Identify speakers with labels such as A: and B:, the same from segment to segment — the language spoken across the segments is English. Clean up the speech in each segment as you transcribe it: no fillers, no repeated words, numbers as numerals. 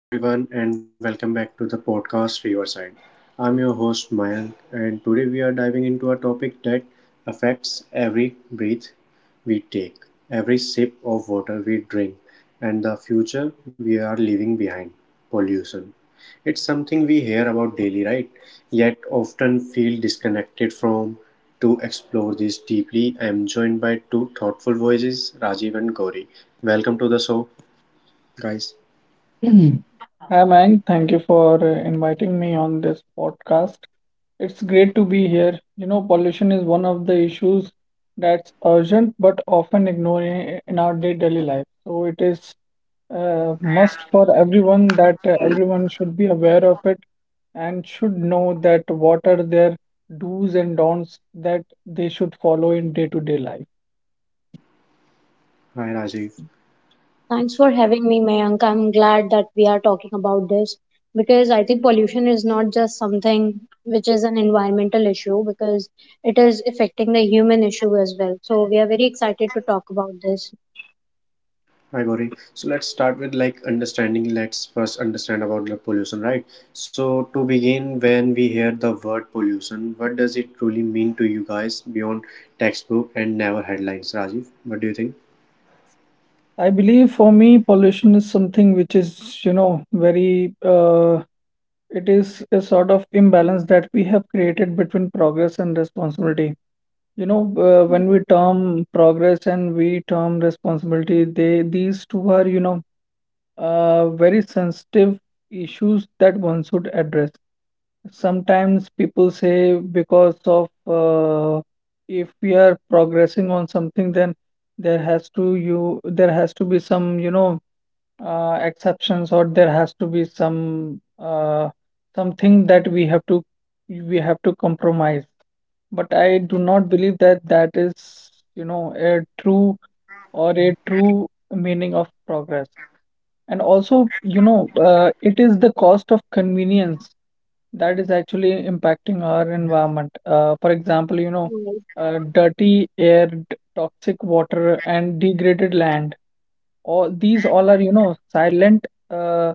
A: Hello, everyone, and welcome back to the podcast Riverside. I'm your host Mayank, and today we are diving into a topic that affects every breath we take, every sip of water we drink, and the future we are leaving behind pollution. It's something we hear about daily, right? Yet often feel disconnected from. To explore this deeply, I am joined by two thoughtful voices, Rajiv and Gauri. Welcome to the show, guys.
B: Mhm. Hi, Mayank. Thank you for inviting me on this podcast. It's great to be here. You know, pollution is one of the issues that's urgent but often ignored in our day-to-day life. So it is a must for everyone that everyone should be aware of it and should know that what are their do's and don'ts that they should follow in day-to-day life.
A: Hi, Rajiv.
C: Thanks for having me, Mayank. I'm glad that we are talking about this because I think pollution is not just something which is an environmental issue because it is affecting the human issue as well. So we are very excited to talk about this.
A: Hi Gauri. So let's start with like understanding. Let's first understand about the pollution, right? So to begin, when we hear the word pollution, what does it truly mean to you guys beyond textbook and never headlines? Rajiv, what do you think?
B: I believe for me, pollution is something which is, you know, very it is a sort of imbalance that we have created between progress and responsibility. You know, when we
C: Right,
B: term progress and we term responsibility, they these two are, you know, very sensitive issues that one should address. Sometimes people say because of if we are progressing on something, then there has to be some, you know, exceptions or there has to be something that we have to compromise, but I do not believe that that is, you know, a true or a true meaning of progress. And also, you know, it is the cost of convenience that is actually impacting our environment. For example, you know, dirty air, toxic water, and degraded land, all these all are, you know, silent uh,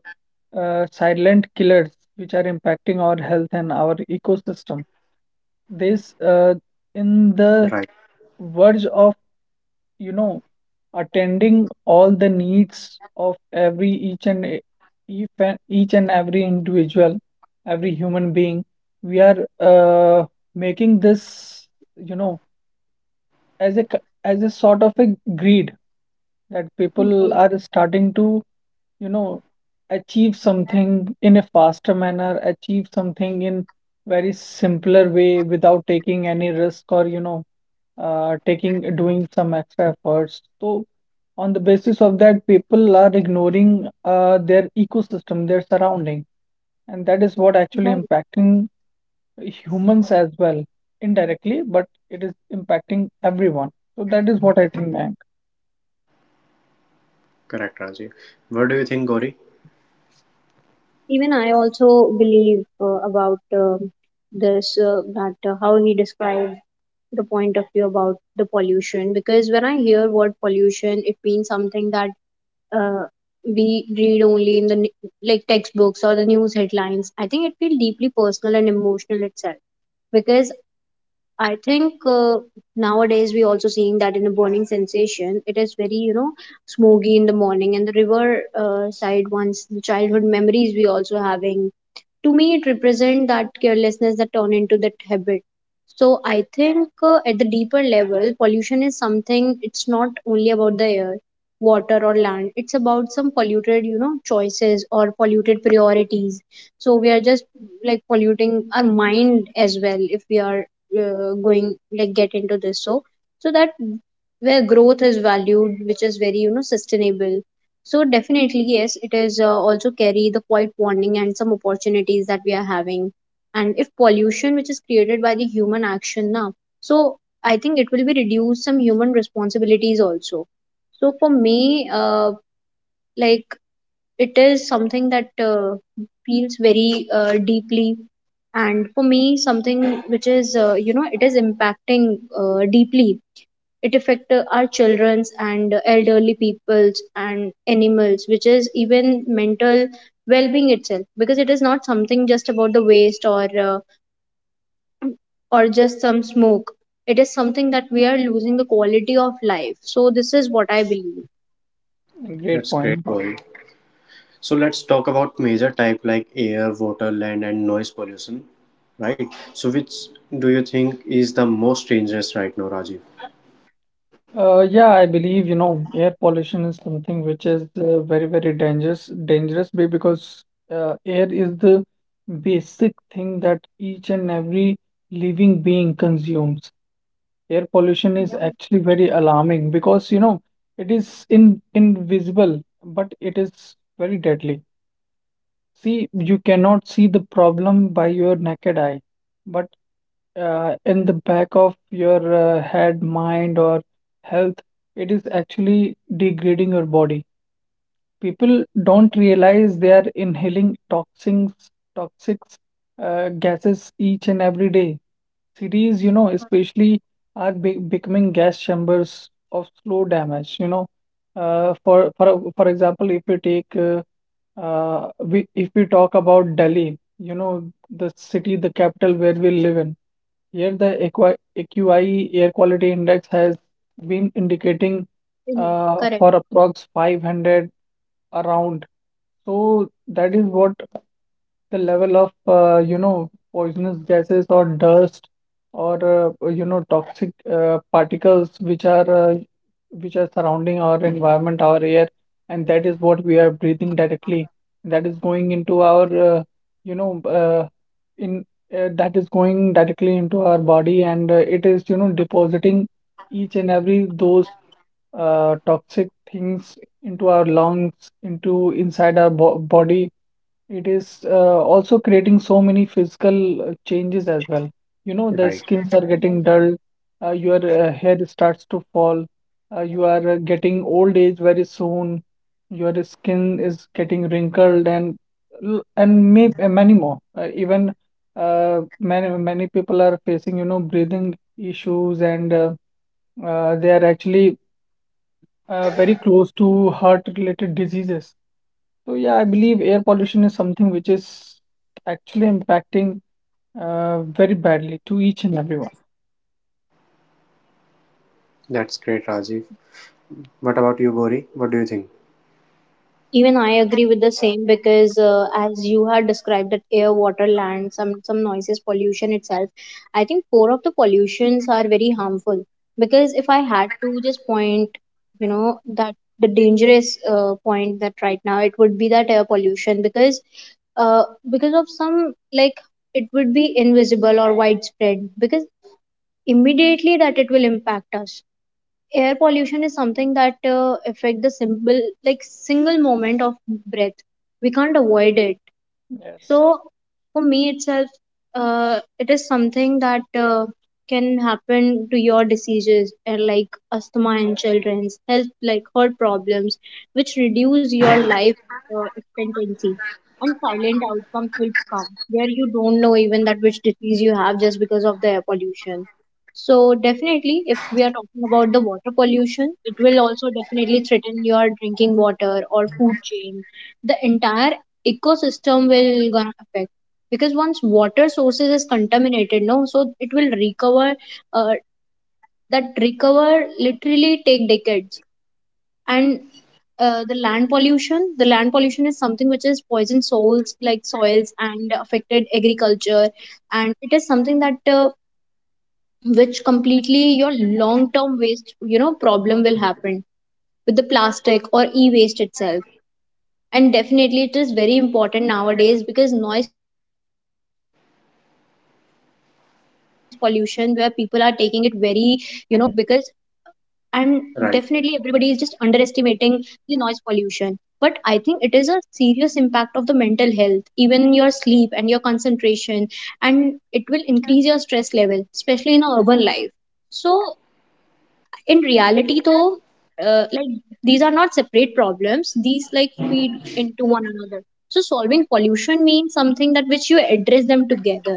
B: uh, silent killers, which are impacting our health and our ecosystem. This In the
A: Right,
B: verge of, you know, attending all the needs of every each and e- each and every individual, every human being, we are, making this, you know, as as a sort of a greed, that people
C: right,
B: are
C: right,
B: starting to, you know, achieve something in a faster manner, achieve something in very simpler way without taking any risk, or, you know, taking doing some extra efforts. So on the basis of that, people are ignoring their ecosystem, their surrounding, and that is what actually
C: right.
B: impacting humans as well, indirectly, but it is impacting everyone. So that is what I think, man.
A: correct, Rajiv. What do you think, Gauri?
C: Even I also believe about this that how he described the point of view about the pollution because when I hear word pollution, it means something that uh, we read only in the like textbooks or the news headlines. I think it feels deeply personal and emotional itself because I think nowadays we also seeing that in a burning sensation, it is very, you know, smoky in the morning and the river side ones, the childhood memories we also having. To me, it represent that carelessness that turn into that habit. So I think, at the deeper level, pollution is something. It's not only about the air, water or land. It's about some polluted, you know, choices or polluted priorities. So we are just like polluting our mind as well if we are going like get into this, so that where growth is valued which is very, you know, sustainable. So definitely, yes, it is also carry the quiet warning and some opportunities that we are having, and if pollution which is created by the human action now, so I think it will be reduce some human responsibilities also. So for me, uh, like it is something that feels very deeply, and for me something which is, you know, it is impacting deeply. It affect our children's and elderly peoples and animals, which is even mental well-being itself, because it is not something just about the waste or just some smoke. It is something that we are losing the quality of life. So this is what I believe.
B: Great
A: That's great,
B: point.
A: Gauri. So let's talk about major type like air, water, land, and noise pollution, right? So which do you think is the most dangerous right now, Rajiv?
B: Yeah, I believe, you know, air pollution is something which is very, very dangerous, dangerous because air is the basic thing that each and every living being consumes. Air pollution is actually very alarming because, you know, it is in invisible, but it is very deadly. See, you cannot see the problem by your naked eye, but in the back of your head, mind, or health, it is actually degrading your body. People don't realize they are inhaling toxins, toxics, gases each and every day. Cities, you know, especially are be becoming gas chambers of slow damage. You know, for example, if we take we, if we talk about Delhi, you know, the city, the capital where we live in. Here, the AQI air quality index has been indicating
C: Correct.
B: for approx 500 around. So that is what the level of, you know, poisonous gases or dust or, you know, toxic particles which are surrounding our environment, our air, and that is what we are breathing directly. That is going into our, uh, you know, in that is going directly into our body, and it is, you know, depositing each and every those toxic things into our lungs, into inside our bo body. It is, also creating so many physical changes as well. You know, the
A: Right,
B: skins are getting dull, your hair starts to fall, you are getting old age very soon, your skin is getting wrinkled and many more. Even, many many people are facing, you know, breathing issues, and, they are actually, very close to heart-related diseases. So yeah, I believe air pollution is something which is actually impacting very badly to each and everyone.
A: that's great, Rajiv. What about you, Gauri? What do you think?
C: Even I agree with the same because, as you had described that air, water, land, some noises, pollution itself. I think four of the pollutions are very harmful, because if I had to just point, you know, that the dangerous point that right now, it would be that air pollution. Because uh, because of some like it would be invisible or widespread, because immediately that it will impact us. Air pollution is something that affect the simple like single moment of breath. We can't avoid it.
B: Yes.
C: So for me itself, it is something that can happen to your diseases, like asthma in children's health, like heart problems, which reduce your life expectancy. And silent outcomes will come where you don't know even that which disease you have just because of the air pollution. So definitely, if we are talking about the water pollution, it will also definitely threaten your drinking water or food chain. The entire ecosystem will gonna affect, because once water sources is contaminated, no, so it will recover, uh, that recover literally take decades. And the land pollution is something which is poison soils, like soils and affected agriculture. And it is something that, which completely your long term waste, you know, problem will happen with the plastic or e waste itself. And definitely it is very important nowadays, because noise pollution where people are taking it very, you know, underrated. Because and definitely everybody is just underestimating
A: Right.
C: the noise pollution, but I think it is a serious impact of the mental health, even your sleep and your concentration, and it will increase your stress level especially in a urban life. So in reality though, like these are not separate problems, these like feed into one another. So solving pollution means something that which you address them together,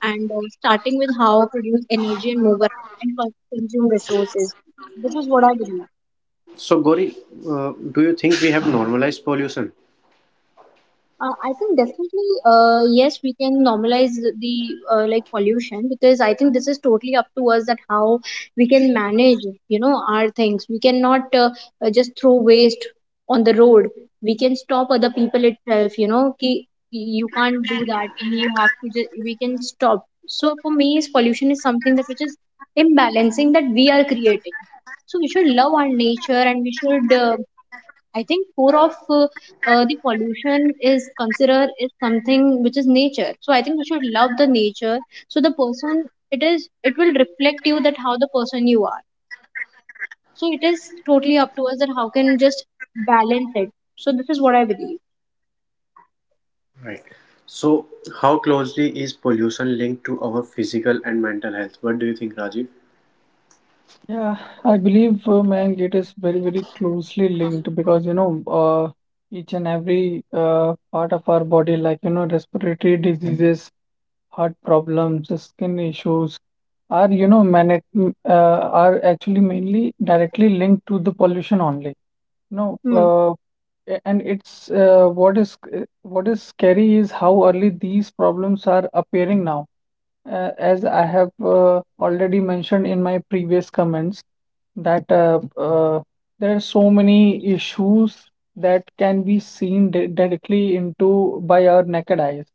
C: and starting with how produce energy and move around and consume resources. This is what I believe.
A: So, Gori, do you think we have normalized pollution?
C: I think definitely, yes, we can normalize the like pollution, because I think this is totally up to us that how we can manage, you know, our things. We cannot just throw waste on the road. We can stop other people itself, you know, ki you can't do that. You have to just, we can stop. So for me, is pollution is something that which is imbalancing that we are creating. So we should love our nature, and we should, I think core of the pollution is consider is something which is nature. So I think we should love the nature. So the person, it is it will reflect you that how the person you are. So it is totally up to us that how can just balance it. So this is what I believe.
A: Right. So, how closely is pollution linked to our physical and mental health? What do you think, Rajiv?
B: Yeah, I believe, man, it is very, very closely linked because, you know, each and every part of our body, like, you know, respiratory diseases, heart problems, skin issues are, you know, man, are actually mainly directly linked to the pollution only. No,
C: Hmm.
B: and it's what is scary is how early these problems are appearing now. As I have already mentioned in my previous comments, that, there are so many issues that can be seen di directly into by our naked eyes.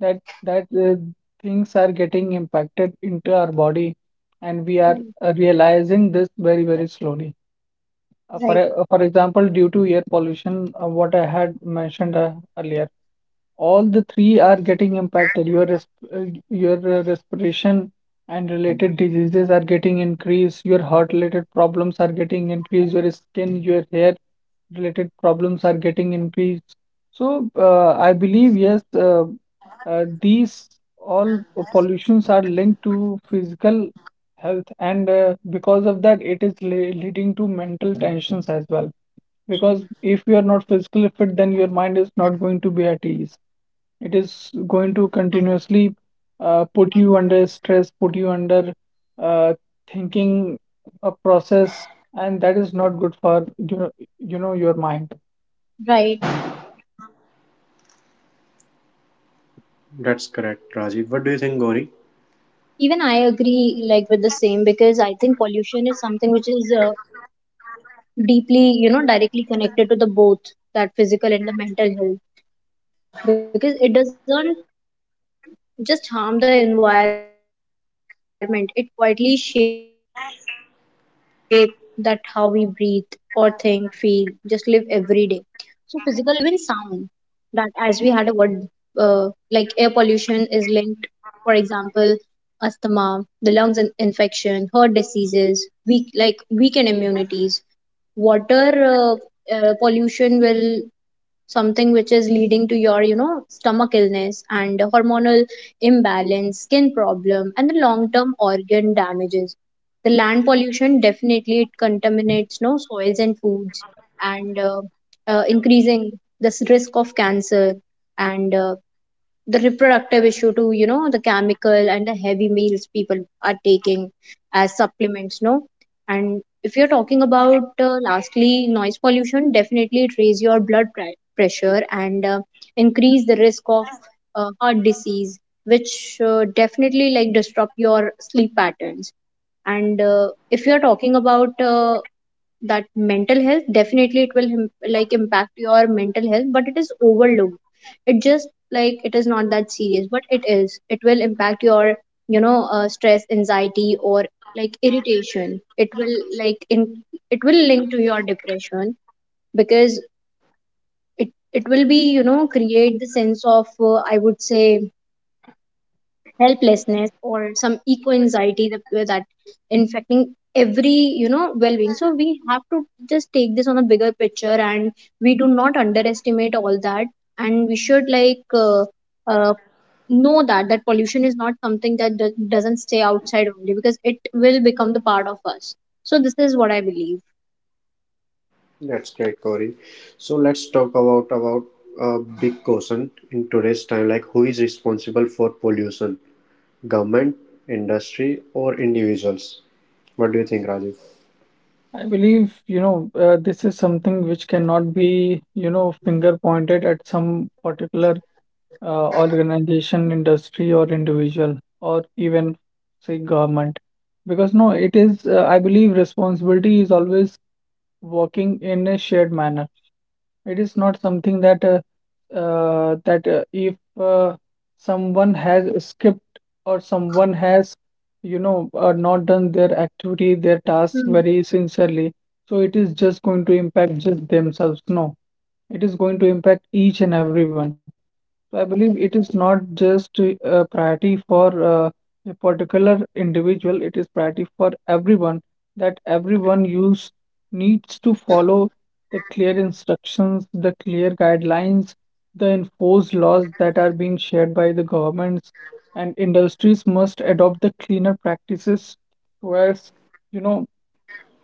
B: That that Things are getting impacted into our body, and we are
C: Right.
B: realizing this very very slowly.
C: Right.
B: For example, due to air pollution, what I had mentioned earlier, all the three are getting impacted. Your respiration and related diseases are getting increased. Your heart-related problems are getting increased. Your skin, your hair-related problems are getting increased. So I believe yes, these all pollutions are linked to physical health, and because of that, it is le leading to mental tensions as well. Because if you are not physically fit, then your mind is not going to be at ease. It is going to continuously put you under stress, put you under uh, thinking a process, and that is not good for, you know your mind.
C: Right.
A: That's correct, Rajiv. What do you think, Gauri?
C: Even I agree like with the same, because I think pollution is something which is, deeply, you know, directly connected to the both, that physical and the mental health, because it doesn't just harm the environment, it quietly shape that how we breathe or think, feel, just live every day. So physical health that it will impact you just because of the air, water, food, even sound, that as we had a word, uh, like air pollution is linked, for example, asthma, the lungs infection, heart diseases, weak like weakened immunities. Water, pollution will something which is leading to your, you know, stomach illness and hormonal imbalance, skin problem, and the long term organ damages. The land pollution, definitely it contaminates, no, soils and foods, and increasing this risk of cancer, and the reproductive issue too, you know, the chemical and the heavy meals people are taking as supplements, no. And if you're talking about, lastly, noise pollution, definitely it raise your blood pressure, and increase the risk of heart disease, which definitely like disrupt your sleep patterns. And if you're talking about, that mental health, definitely it will like impact your mental health, but it is overlooked. It just like it is not that serious, but it is it will impact your, you know, stress, anxiety, or like irritation. It will like in it will link to your depression, because it will be, you know, create the sense of, I would say, helplessness or some eco anxiety that that infecting every, you know, well-being. So we have to just take this on a bigger picture, and we do not underestimate all that, and we should like, uh, know that that pollution is not something that doesn't stay outside only, because it will become the part of us. So this is what I believe.
A: That's great, Gauri. So let's talk about a big question in today's time, like who is responsible for pollution? Government, industry, or individuals? What do you think, Rajiv?
B: I believe, you know, this is something which cannot be, you know, finger pointed at some particular organization, industry, or individual, or even say government, because no, it is, I believe responsibility is always working in a shared manner. It is not something that that if someone has skipped or someone has, you know, not done their activity, their task
C: Hmm.
B: very sincerely, so it is just going to impact just themselves. No, it is going to impact each and everyone. So I believe it is not just a priority for a particular individual, it is priority for everyone, that everyone use needs to follow the clear instructions, the clear guidelines, the enforced laws that are being shared by the governments, and industries must adopt the cleaner practices, whereas, you know,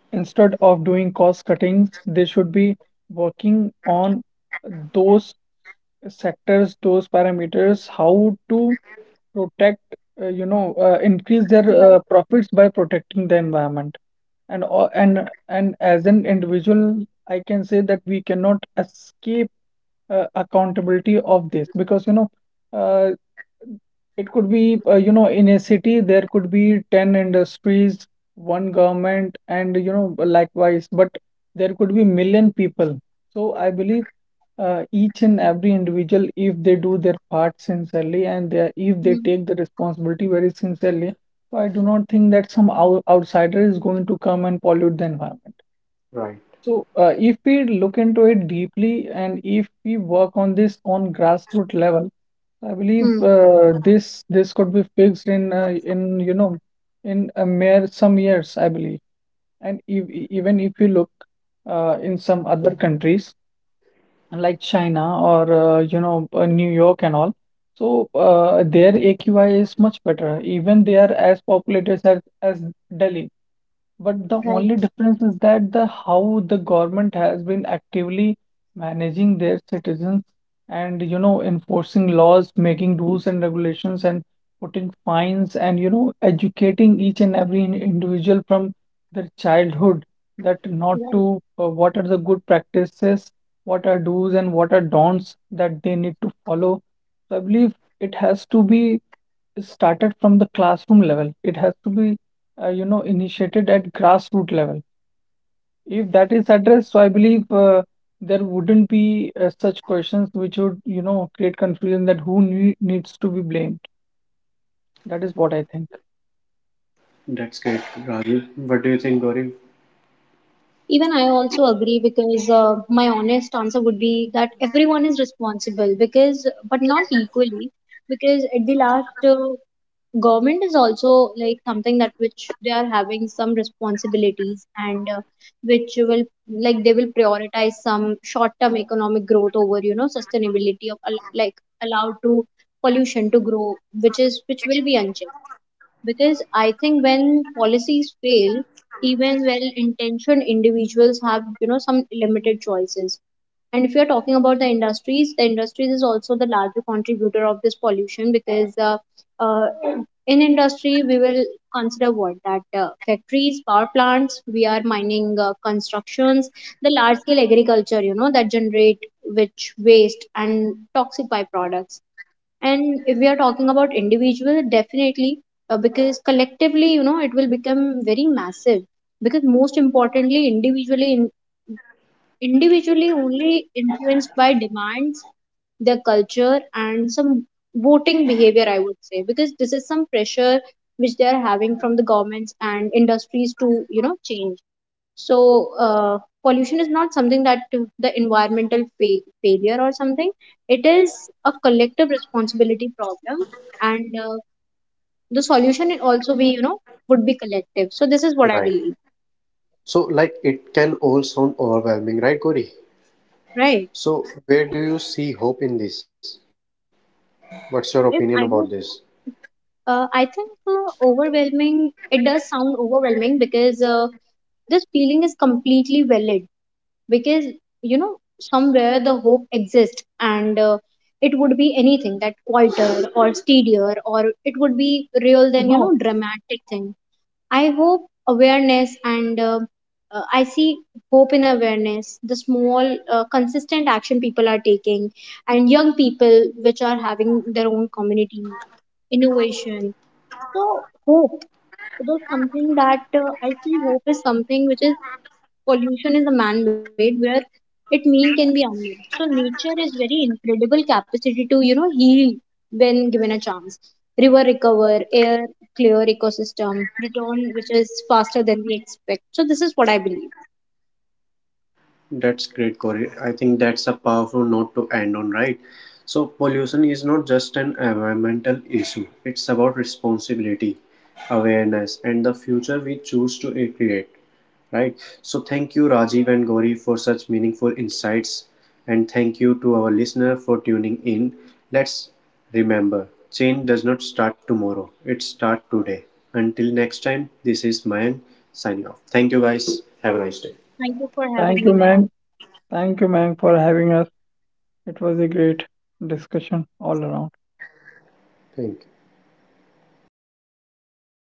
B: instead of doing cost cuttings, they should be working on those sectors, those parameters, how to protect, you know, increase their profits by protecting the environment and all, and as an individual I can say that we cannot escape accountability of this because, you know, uh, it could be you know, in a city there could be 10 industries, one government, and, you know, likewise, but there could be million people. So I believe each and every individual, if they do their part sincerely, and they, if they
C: Hmm.
B: take the responsibility very sincerely, so I do not think that some outsider is going to come and pollute the environment.
A: Right.
B: So if we look into it deeply, and if we work on this on grassroots level, I believe
C: Hmm.
B: this could be fixed in, you know, in a mere some years, I believe. And if, even if you look in some other countries like China or, New York and all, so their AQI is much better. Even they are as populated as Delhi. But the
C: Right.
B: only difference is that the how the government has been actively managing their citizens and, you know, enforcing laws, making rules and regulations and putting fines, and, you know, educating each and every individual from their childhood that not
C: Right.
B: to, what are the good practices, what are do's and what are don'ts that they need to follow. So I believe it has to be started from the classroom level. It has to be, you know, initiated at grassroots level. If that is addressed, so I believe there wouldn't be such questions which would, you know, create confusion that who needs to be blamed. That is what I think.
A: That's great, Rajiv. What do you think, Gauri?
C: Even I also agree, because my honest answer would be that everyone is responsible, because, but not equally, because at the last, government is also like something that which they are having some responsibilities, and which will like they will prioritize some short term economic growth over, you know, sustainability of like allowed to pollution to grow which is which will be unchecked, because I think when policies fail, even well intentioned individuals have, you know, some limited choices. And if you're talking about the industries, the industries is also the larger contributor of this pollution, because uh, in industry we will consider what that, factories, power plants, we are mining, constructions, the large scale agriculture, you know, that generate which waste and toxic byproducts. And if we are talking about individual, definitely, because collectively, you know, it will become very massive, because most importantly individually in, individually only influenced by demands, their culture, and some voting behavior, I would say, because this is some pressure which they are having from the governments and industries to, you know, change. So pollution is not something that the environmental failure or something. It is a collective responsibility problem, and the solution it also be, you know, would be collective. So this is what I
A: Right.
C: believe.
A: So, like, it can all sound overwhelming, right, Gauri?
C: Right.
A: So, where do you see hope in this? What's your opinion about
C: If
A: this?
C: I would, I think overwhelming, it does sound overwhelming, because this feeling is completely valid, because, you know, somewhere the hope exists, and it would be anything that quieter or steadier, or it would be real than, you know,
B: No.
C: dramatic thing. I hope awareness, and I see hope in awareness, the small consistent action people are taking, and young people which are having their own community, innovation. So hope, it is something that, I feel hope is something which is pollution is a man-made where it mean can be unmade. So nature is very incredible capacity to, you know, heal when given a chance. River recover, air clear ecosystem, return which is faster than we expect. So this is what I believe.
A: That's great, Corey. I think that's a powerful note to end on, right? So, pollution is not just an environmental issue, it's about responsibility, awareness, and the future we choose to create, right? So, thank you, Rajiv and Gauri, for such meaningful insights. And thank you to our listener for tuning in. Let's remember change does not start tomorrow, it starts today. Until next time, this is Mayank signing off. Thank you, guys. Have a nice day.
C: Thank you for
B: Thank
C: having
B: you,
C: me,
B: Mang.
C: Maya.
B: Thank you, Mang, for having us. It was a great discussion all around.
A: Thank you.